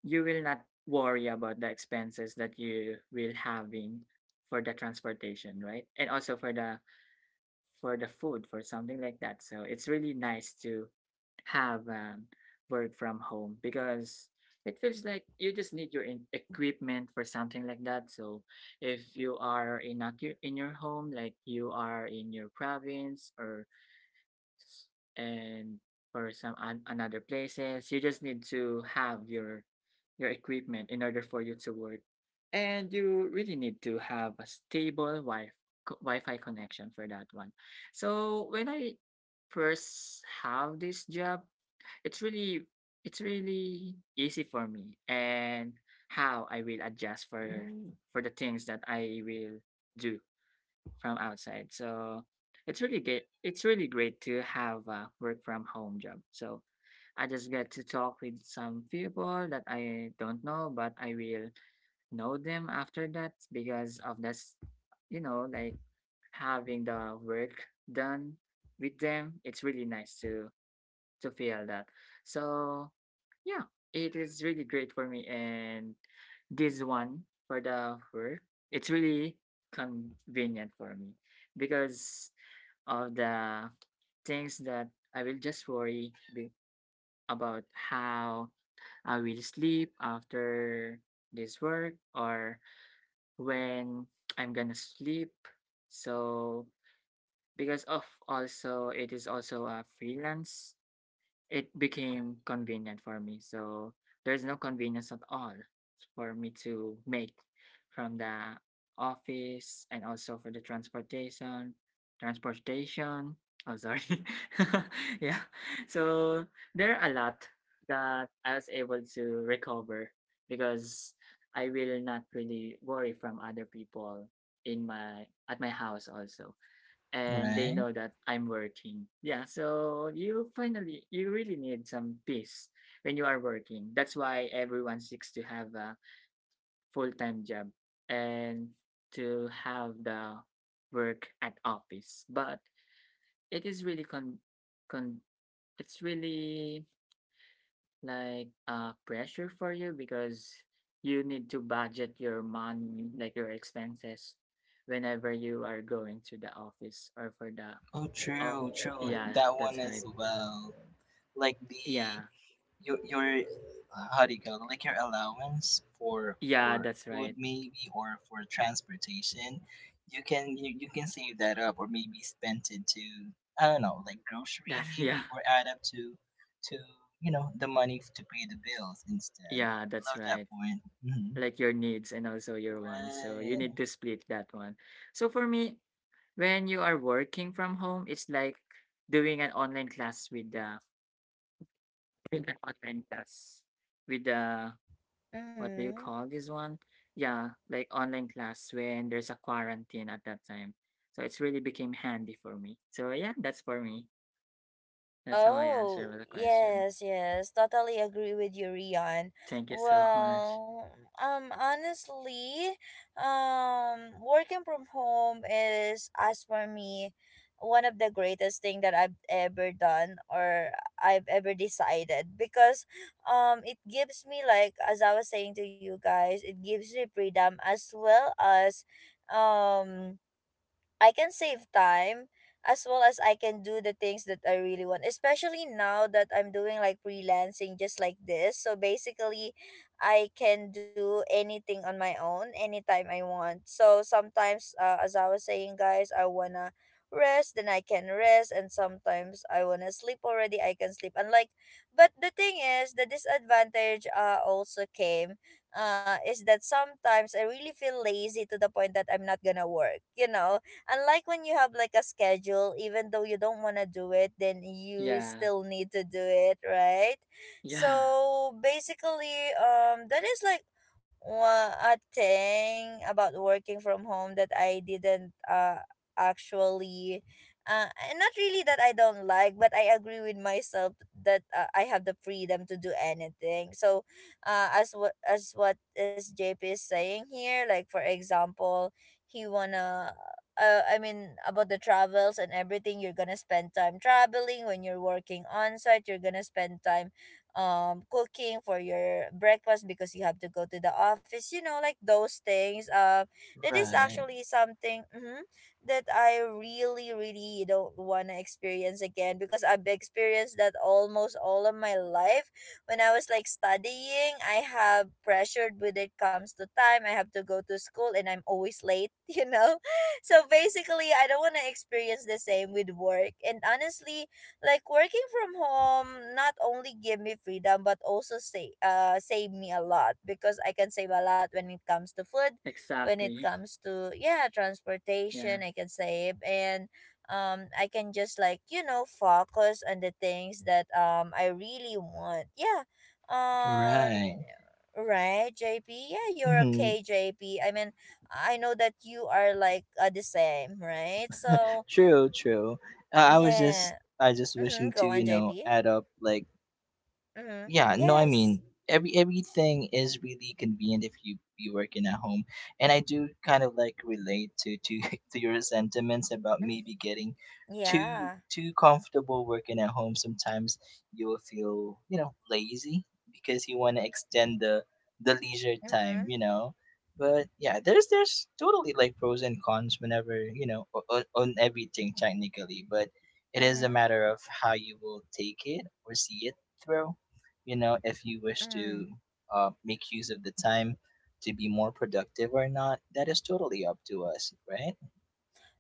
B: you will not worry about the expenses that you will having for the transportation right and also for the food for something like that so it's really nice to have work from home because it feels like you just need your equipment for something like that so if you are in in your home like you are in your province or and for some an, another places you just need to have your equipment in order for you to work and you really need to have a stable wi-fi connection for that one so when I first have this job it's really it's really easy for me and how I will adjust for for the things that I will do from outside. So it's really good. It's really great to have a work from home job. So I just get to talk with some people that I don't know, but I will know them after that because of this, you know, like having the work done with them. It's really nice to feel that. So yeah, it is really great for me. And this one for the work, it's really convenient for me because of the things that I will just worry be- about how I will sleep after this work or when I'm gonna sleep. So because of also it is also a freelance it became convenient for me. So there's no convenience at all for me to make from the office and also for the transportation. Transportation. Oh, sorry. yeah. So there are a lot that I was able to recover because I will not really worry from other people in my at my house also and they
C: Right?
B: know that I'm working. Yeah, so you really need some peace when you are working. That's why everyone seeks to have a full-time job and to have the work at office. But it is really con con it's really like pressure for you because you need to budget your money, like your expenses whenever you are going to the office or for the
C: Oh,
B: Oh,
C: true, true.
B: yeah,
C: That one
B: that's
C: as
B: right.
C: well. Like the
B: Yeah.
C: your, how do you call it? Like your allowance for
B: Yeah, that's
C: food
B: right.
C: maybe, or for transportation. You can save that up, or maybe spend it to, I don't know, like grocery
B: That yeah.
C: maybe, or add up to to you know, the money to pay the bills instead.
B: Yeah, that's
C: Love that
B: right.
C: point. Hmm.
B: Like your needs and also your wants. So you
C: Right.
B: need to split that one. So for me, when you are working from home, it's like doing an online class with the with an online class with the what do you
A: Mm-hmm.
B: call this one? Yeah, like online class when there's a quarantine at that time. So it's really became handy for me. So yeah, that's for me. That's how I
A: Oh,
B: answer the question.
A: yes, yes, totally agree with you, Rian.
B: Thank you so much.
A: Well, honestly, working from home is, as for me, one of the greatest thing that I've ever done or I've ever decided because, it gives me like as I was saying to you guys, it gives me freedom as well as, um I can save time as well as I can do the things that I really want, especially now that I'm doing like freelancing just like this. So basically, I can do anything on my own anytime I want. So sometimes, as I was saying, guys, I wanna rest, then I can rest, and sometimes I wanna sleep already, I can sleep. And like, but the thing is, the disadvantage also came is that sometimes I really feel lazy to the point that I'm not gonna work, you know? Unlike when you have like a schedule, even though you don't want to do it, then you
B: Yeah.
A: still need to do it, right?
B: Yeah.
A: So basically, that is like a thing about working from home that I didn't actually and not really that I don't like but I agree with myself that I have the freedom to do anything. So as JP is saying here like for example he wanna I mean, about the travels and everything, you're gonna spend time traveling. When you're working on site, you're gonna spend time cooking for your breakfast because you have to go to the office, you know, like those things. That is
C: Right.
A: actually something mhm, that I really, really don't wanna experience again because I've experienced that almost all of my life. When I was like studying, I have pressured when it comes to time. I have to go to school and I'm always late, you know. So basically, I don't want to experience the same with work. And honestly, like working from home not only give me freedom but also say save me a lot because I can save a lot when it comes to food, when it
B: Exactly.
A: comes to yeah,
B: Yeah.
A: transportation, I can save and I can just like, you know, focus on the things that I really want. Yeah. Um
C: Right.
A: right, JP. Yeah, you're
C: Hmm.
A: okay, JP. Mean, I know that you are like the same, right? So
C: True, true. I was just,
A: yeah.
C: I just wishing
A: Mm-hmm.
C: to,
A: Go
C: you
A: on,
C: know,
A: JP.
C: add up like—
A: Mm-hmm.
C: Yeah, no, I mean,
A: Yes.
C: everything is really convenient if you be working at home, and I do kind of like relate to to your sentiments about
A: Mm,
C: maybe getting
A: yeah.
C: too comfortable working at home. Sometimes you'll feel, you know, lazy because you want to extend the leisure time,
A: Mm-hmm.
C: you know. But yeah, there's totally like pros and cons whenever, you know, on everything technically, but it is a
A: Mm-hmm.
C: matter of how you will take it or see it through, you know, if you wish
A: Mm-hmm.
C: to make use of the time to be more productive or not. That is totally up to us, right?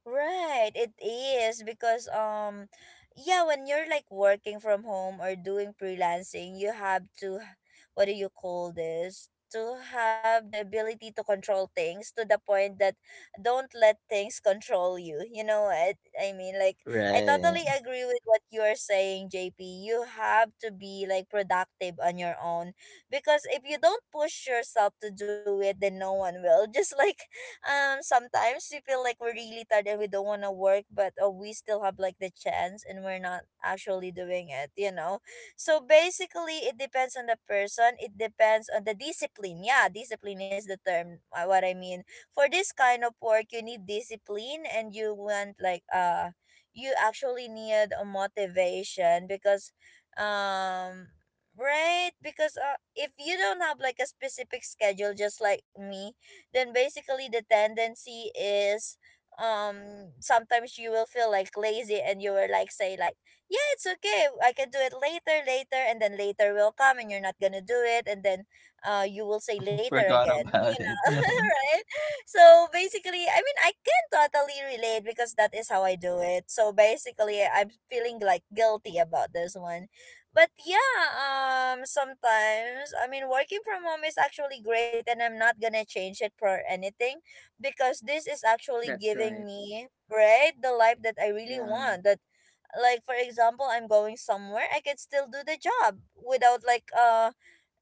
A: Right, it is because yeah, when you're like working from home or doing freelancing, you have to what do you call this? To have the ability to control things to the point that don't let things control you. You know what I mean? Like I
C: Right.
A: totally agree with what you are saying, JP. You have to be like productive on your own because if you don't push yourself to do it, then no one will. Just like sometimes we feel like we're really tired and we don't want to work but we still have like the chance and we're not actually doing it you know. So basically it depends on the person, it depends on the discipline. Yeah, discipline is the term. What I mean for this kind of work, you need discipline and you want like you actually need a motivation because um right because if you don't have like a specific schedule just like me then basically the tendency is sometimes you will feel like lazy and you will like say like yeah it's okay I can do it later, later and then later will come and you're not gonna do it and then you will say later
C: Forgot
A: again, you
C: about
A: know.
C: it.
A: Right. So basically I mean I can totally relate because that is how I do it. So basically I'm feeling like guilty about this one. But yeah, sometimes I mean, working from home is actually great, and I'm not gonna change it for anything, because this is actually
B: That's
A: giving
B: right.
A: me right the life that I really
B: Yeah.
A: want. That like for example, I'm going somewhere, I can still do the job without like um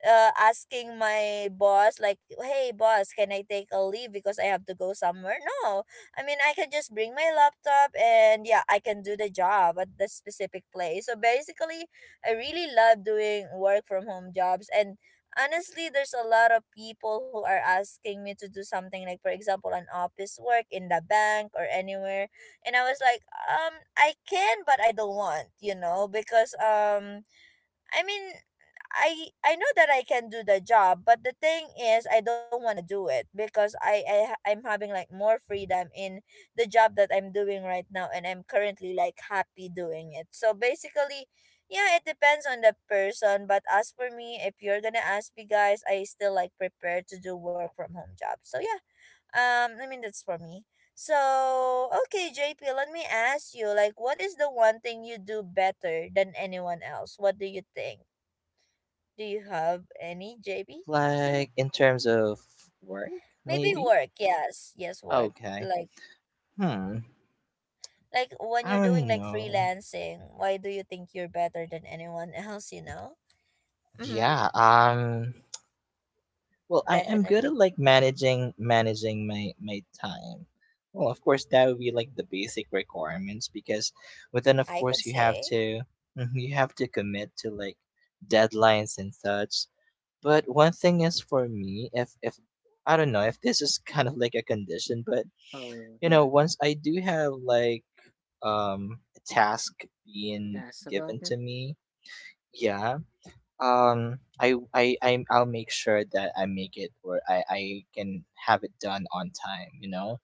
A: uh, asking my boss like hey boss can I take a leave because I have to go somewhere. No, I mean I can just bring my laptop and yeah I can do the job at the specific place. So basically I really love doing work from home jobs. And honestly there's a lot of people who are asking me to do something like for example an office work in the bank or anywhere, and I was like I can but I don't want, you know, because I mean, I know that I can do the job, but the thing is, I don't want to do it because I ha- I'm having like more freedom in the job that I'm doing right now, and I'm currently like happy doing it. So basically, yeah, it depends on the person. But as for me, if you're gonna ask me, guys, I still like prepare to do work from home job. So yeah, I mean that's for me. So, okay, JP, let me ask you, what is the one thing you do better than anyone else? What do you think? Do you have any, JP?
C: like, in terms of work,
A: Maybe
C: maybe?
A: work, yes. Yes, work.
C: Okay.
A: Like,
C: Hmm.
A: like when
C: I
A: you're doing
C: don't
A: like
C: know.
A: freelancing, why do you think you're better than anyone else, you know? Mm-hmm.
C: Yeah, well, I am good at
A: Definitely.
C: like managing my time. Well, of course, that would be like the basic requirements, because, but then of
A: I could
C: course you have
A: say.
C: to, mhm, you have to commit to like deadlines and such. But one thing is for me, if I don't know if this is kind of like a condition, but,
B: Oh,
C: you know,
B: yeah.
C: once I do have like a task being
B: That's about
C: given
B: it.
C: to me, yeah, I'll make sure that I make it, or I can have it done on time. You know,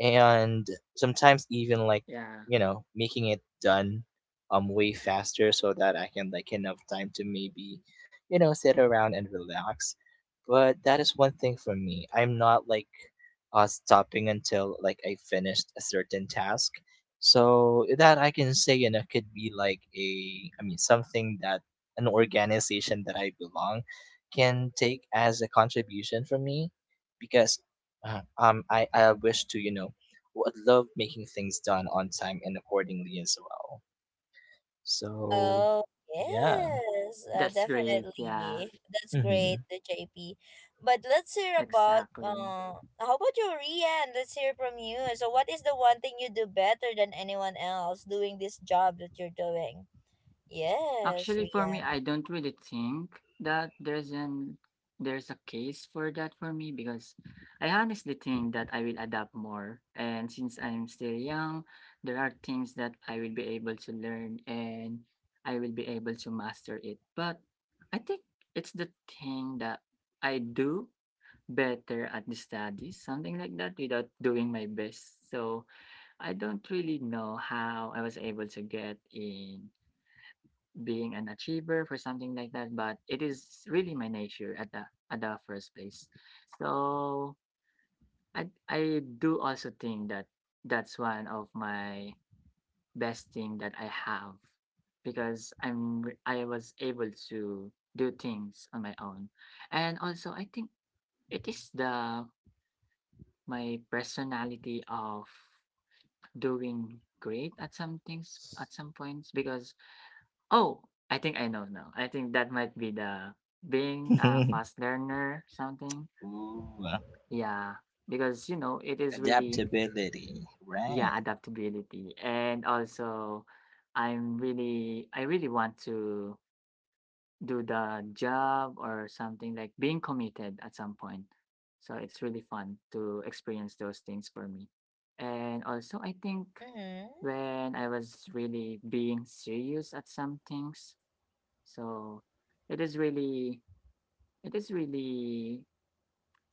C: and sometimes even like,
B: Yeah.
C: you know, making it done way faster so that I can like enough time to maybe, you know, sit around and relax. But that is one thing for me. I'm not like stopping until like I finished a certain task. So that I can say, you know, could be like a, I mean, something that an organization that I belong can take as a contribution from me, because I wish to, you know, would love making things done on time and accordingly as well. So
A: Oh,
C: yeah.
A: yes,
B: That's great. Yeah.
A: definitely. That's
C: Mm-hmm.
A: great, the JP. But let's hear about
B: Exactly.
A: how about you, Rian? Let's hear from you. So what is the one thing you do better than anyone else doing this job that you're doing? Yes,
B: Actually, for me,
A: Rian.
B: I don't really think that there's an there's a case for that for me because I honestly think that I will adapt more. And since I'm still young, there are things that I will be able to learn and I will be able to master it. But I think it's the thing that I do better at the studies, something like that, without doing my best. So I don't really know how I was able to get in being an achiever for something like that, but it is really my nature at the first place. So I do also think that that's one of my best thing that I have because I was able to do things on my own. And also I think it is the my personality of doing great at some things at some points because Oh, I think I know now. I think that might be the being a fast learner something.
C: Ooh,
B: Yeah, because you know it is really
C: adaptability,
B: yeah
C: right?
B: adaptability and also I really want to do the job or something like being committed at some point. So it's really fun to experience those things for me. And also I think
A: Mm-hmm.
B: when I was really being serious at some things So it is really it is really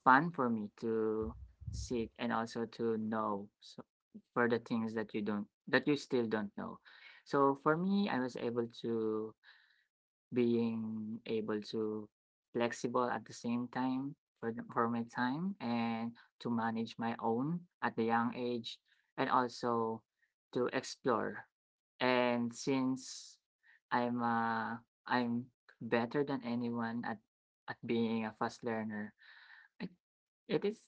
B: fun for me to seek and also to know so for the things that you don't that you still don't know. So for me, I was able to being able to flexible at the same time for for my time and to manage my own at the young age and also to explore and since i'm uh, I'm better than anyone at being a fast learner I, it is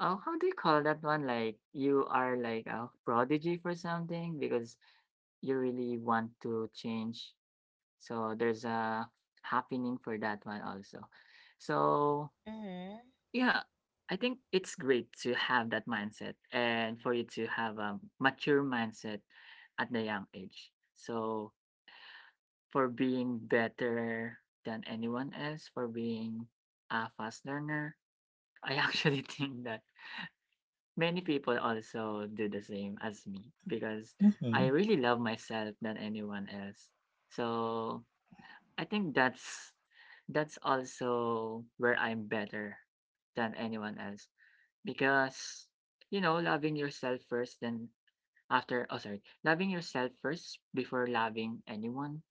B: oh how do you call that one like you are like a prodigy for something because you really want to change so there's a happening for that one also. So
A: Mm-hmm.
B: yeah, I think it's great to have that mindset and for you to have a mature mindset at the young age. So for being better than anyone else, for being a fast learner, I actually think that many people also do the same as me because I
C: Hmm.
B: really love myself than anyone else. So I think that's also where I'm better than anyone else because loving yourself first then after oh sorry loving yourself first before loving anyone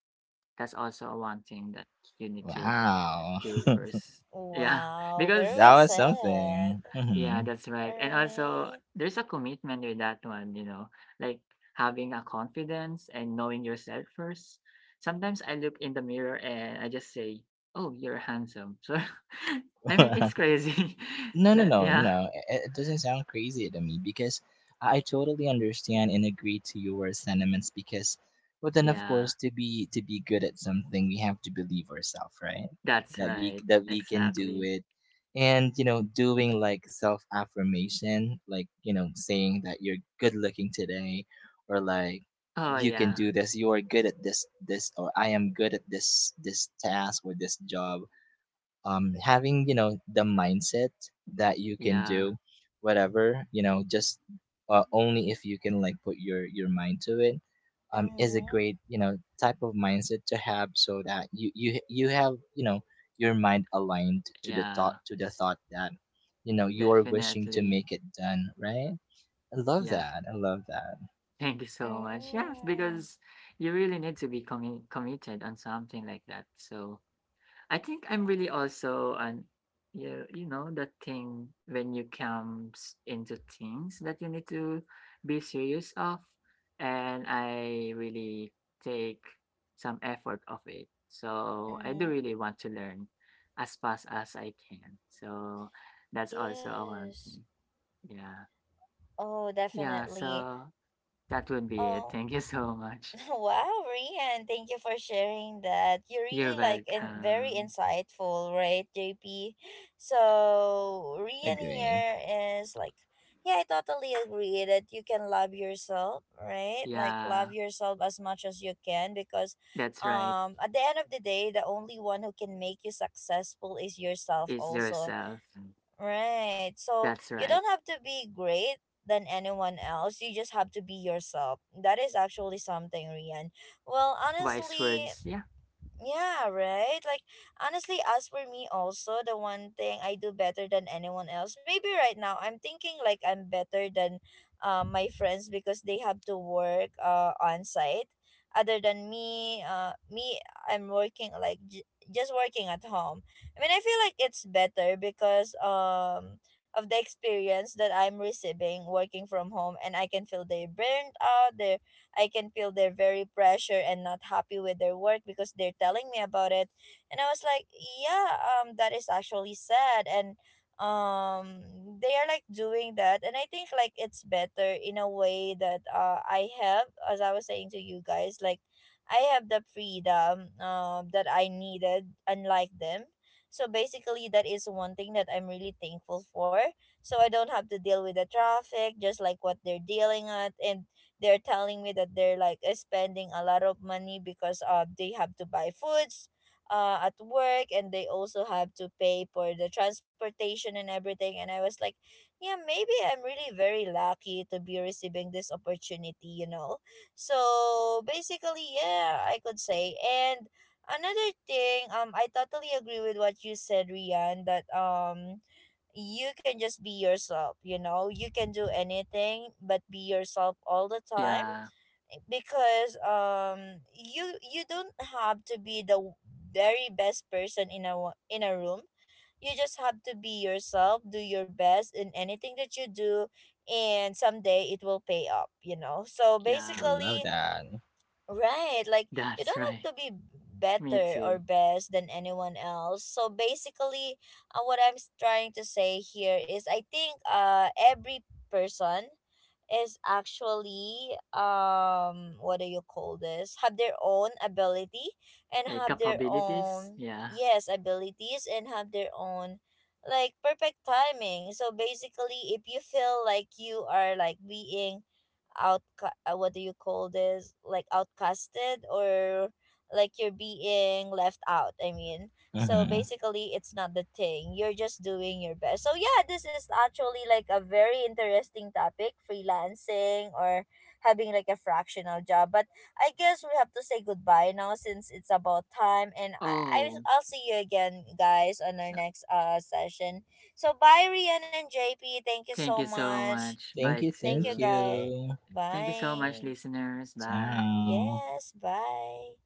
B: that's also one thing that you need to
C: Wow,
B: do first yeah
A: Wow, very
B: because
C: that
A: well
B: yeah,
C: was something.
A: said.
C: Hmm.
B: yeah, that's right. And also,
A: Right.
B: there's a commitment with that one, you know, like having a confidence and knowing yourself first. Sometimes I look in the mirror and I just say, "Oh, you're handsome." So, I mean, it's crazy.
C: No, no,
B: Like,
C: no,
B: yeah,
C: no. It it doesn't sound crazy to me, because I totally understand and agree to your sentiments, because, well then of
B: yeah,
C: course, to be good at something, we have to believe ourselves, right?
B: that's right.
C: That we can do
B: Exactly.
C: it. And you know, doing like self affirmation, like, you know, saying that you're good looking today, or like
B: Oh,
C: you can
B: yeah,
C: do this, you are good at this, or I am good at this task or this job. Having, you know, the mindset that you can
B: yeah,
C: do whatever, you know, just only if you can like put your mind to it, is a
A: Mm-hmm.
C: great, you know, type of mindset to have, so that you have, you know, your mind aligned to the thought,
B: yeah,
C: that, you know, you are wishing to
B: definitely.
C: make it done right. I love
B: Yeah.
C: that, I love that.
B: Thank you so much. Yes,
A: Mm-hmm.
B: because you really need to be committed on something like that. So, I think I'm really also an you you know that thing when you comes into things that you need to be serious of and I really take some effort of it. So I do
A: Mm-hmm.
B: really want to learn as fast as I can. So that's also a one
A: Yes.
B: thing. Yeah.
A: Oh,
B: Yeah,
A: definitely.
B: so that would be it.
A: Oh,
B: Thank you so much.
A: wow, Rian, thank you for sharing that. You're
B: You're
A: really like and very
B: welcome.
A: insightful, right, JP? So Rian
C: Agree.
A: here is like, yeah, I totally agree that you can love yourself, right? Like love
B: Yeah,
A: yourself as much as you can because
B: that's right.
A: at the end of the day, the only one who can make you successful is yourself
B: It's
A: also.
B: yourself.
A: Right. So
B: That's
A: you
B: right.
A: don't have to be great than anyone else. You just have to be yourself. That is actually something, Rian. Well,
B: Wise
A: honestly,
B: words. Yeah.
A: yeah, right? Like, honestly, as for me, also, the one thing I do better than anyone else, maybe right now, I'm thinking like I'm better than my friends because they have to work on site. Other than me, I'm working like just working at home. I mean, I feel like it's better because of the experience that I'm receiving working from home, and I can feel they burnt out, I can feel they're very pressure and not happy with their work because they're telling me about it. And I was like, yeah, that is actually sad. And um they are like doing that, and I think like it's better in a way that I have, as I was saying to you guys, like I have the freedom that I needed, unlike them. So basically, that is one thing that I'm really thankful for. So I don't have to deal with the traffic, just like what they're dealing at. And they're telling me that they're like spending a lot of money because they have to buy foods at work, and they also have to pay for the transportation and everything. And I was like, yeah, maybe I'm really very lucky to be receiving this opportunity, you know. So basically, yeah, I could say. And another thing, I totally agree with what you said, Rian, that you can just be yourself, you know, you can do anything but be yourself all the time.
B: Yeah.
A: Eh, because you you don't have to be the very best person in a in a room. You just have to be yourself, do your best in anything that you do, and someday it will pay up, you know. So
B: Yeah.
C: Love
A: basically,
C: that.
A: right. Like you
B: That's
A: don't have
B: right.
A: to be
B: Me
A: better or
B: too.
A: best than anyone else. So basically, what I'm trying to say here is I think every person is actually what do you call this? Have their own ability and
B: Like
A: have their
B: capabilities.
A: own,
B: Yeah.
A: yes, abilities and have their own like perfect timing. So basically, if you feel like you are like being out, what do you call this, like outcasted or like you're being left out, I mean, so
C: Hmm.
A: basically it's not the thing, you're just doing your best. So yeah, this is actually like a very interesting topic, freelancing or having like a fractional job. But I guess we have to say goodbye now, since it's about time, and i I-
B: Oh,
A: i'll see you again, guys, on our
B: so
A: next session. So bye, Rian and JP, thank you
B: thank
A: so
B: you so
A: much.
B: much.
C: Thank
B: Bye
C: you,
A: Thank you,
C: thank
B: too.
A: guys.
C: you.
B: Thank you so much,
A: Bye.
B: listeners. Bye.
C: Ciao.
A: Yes, bye.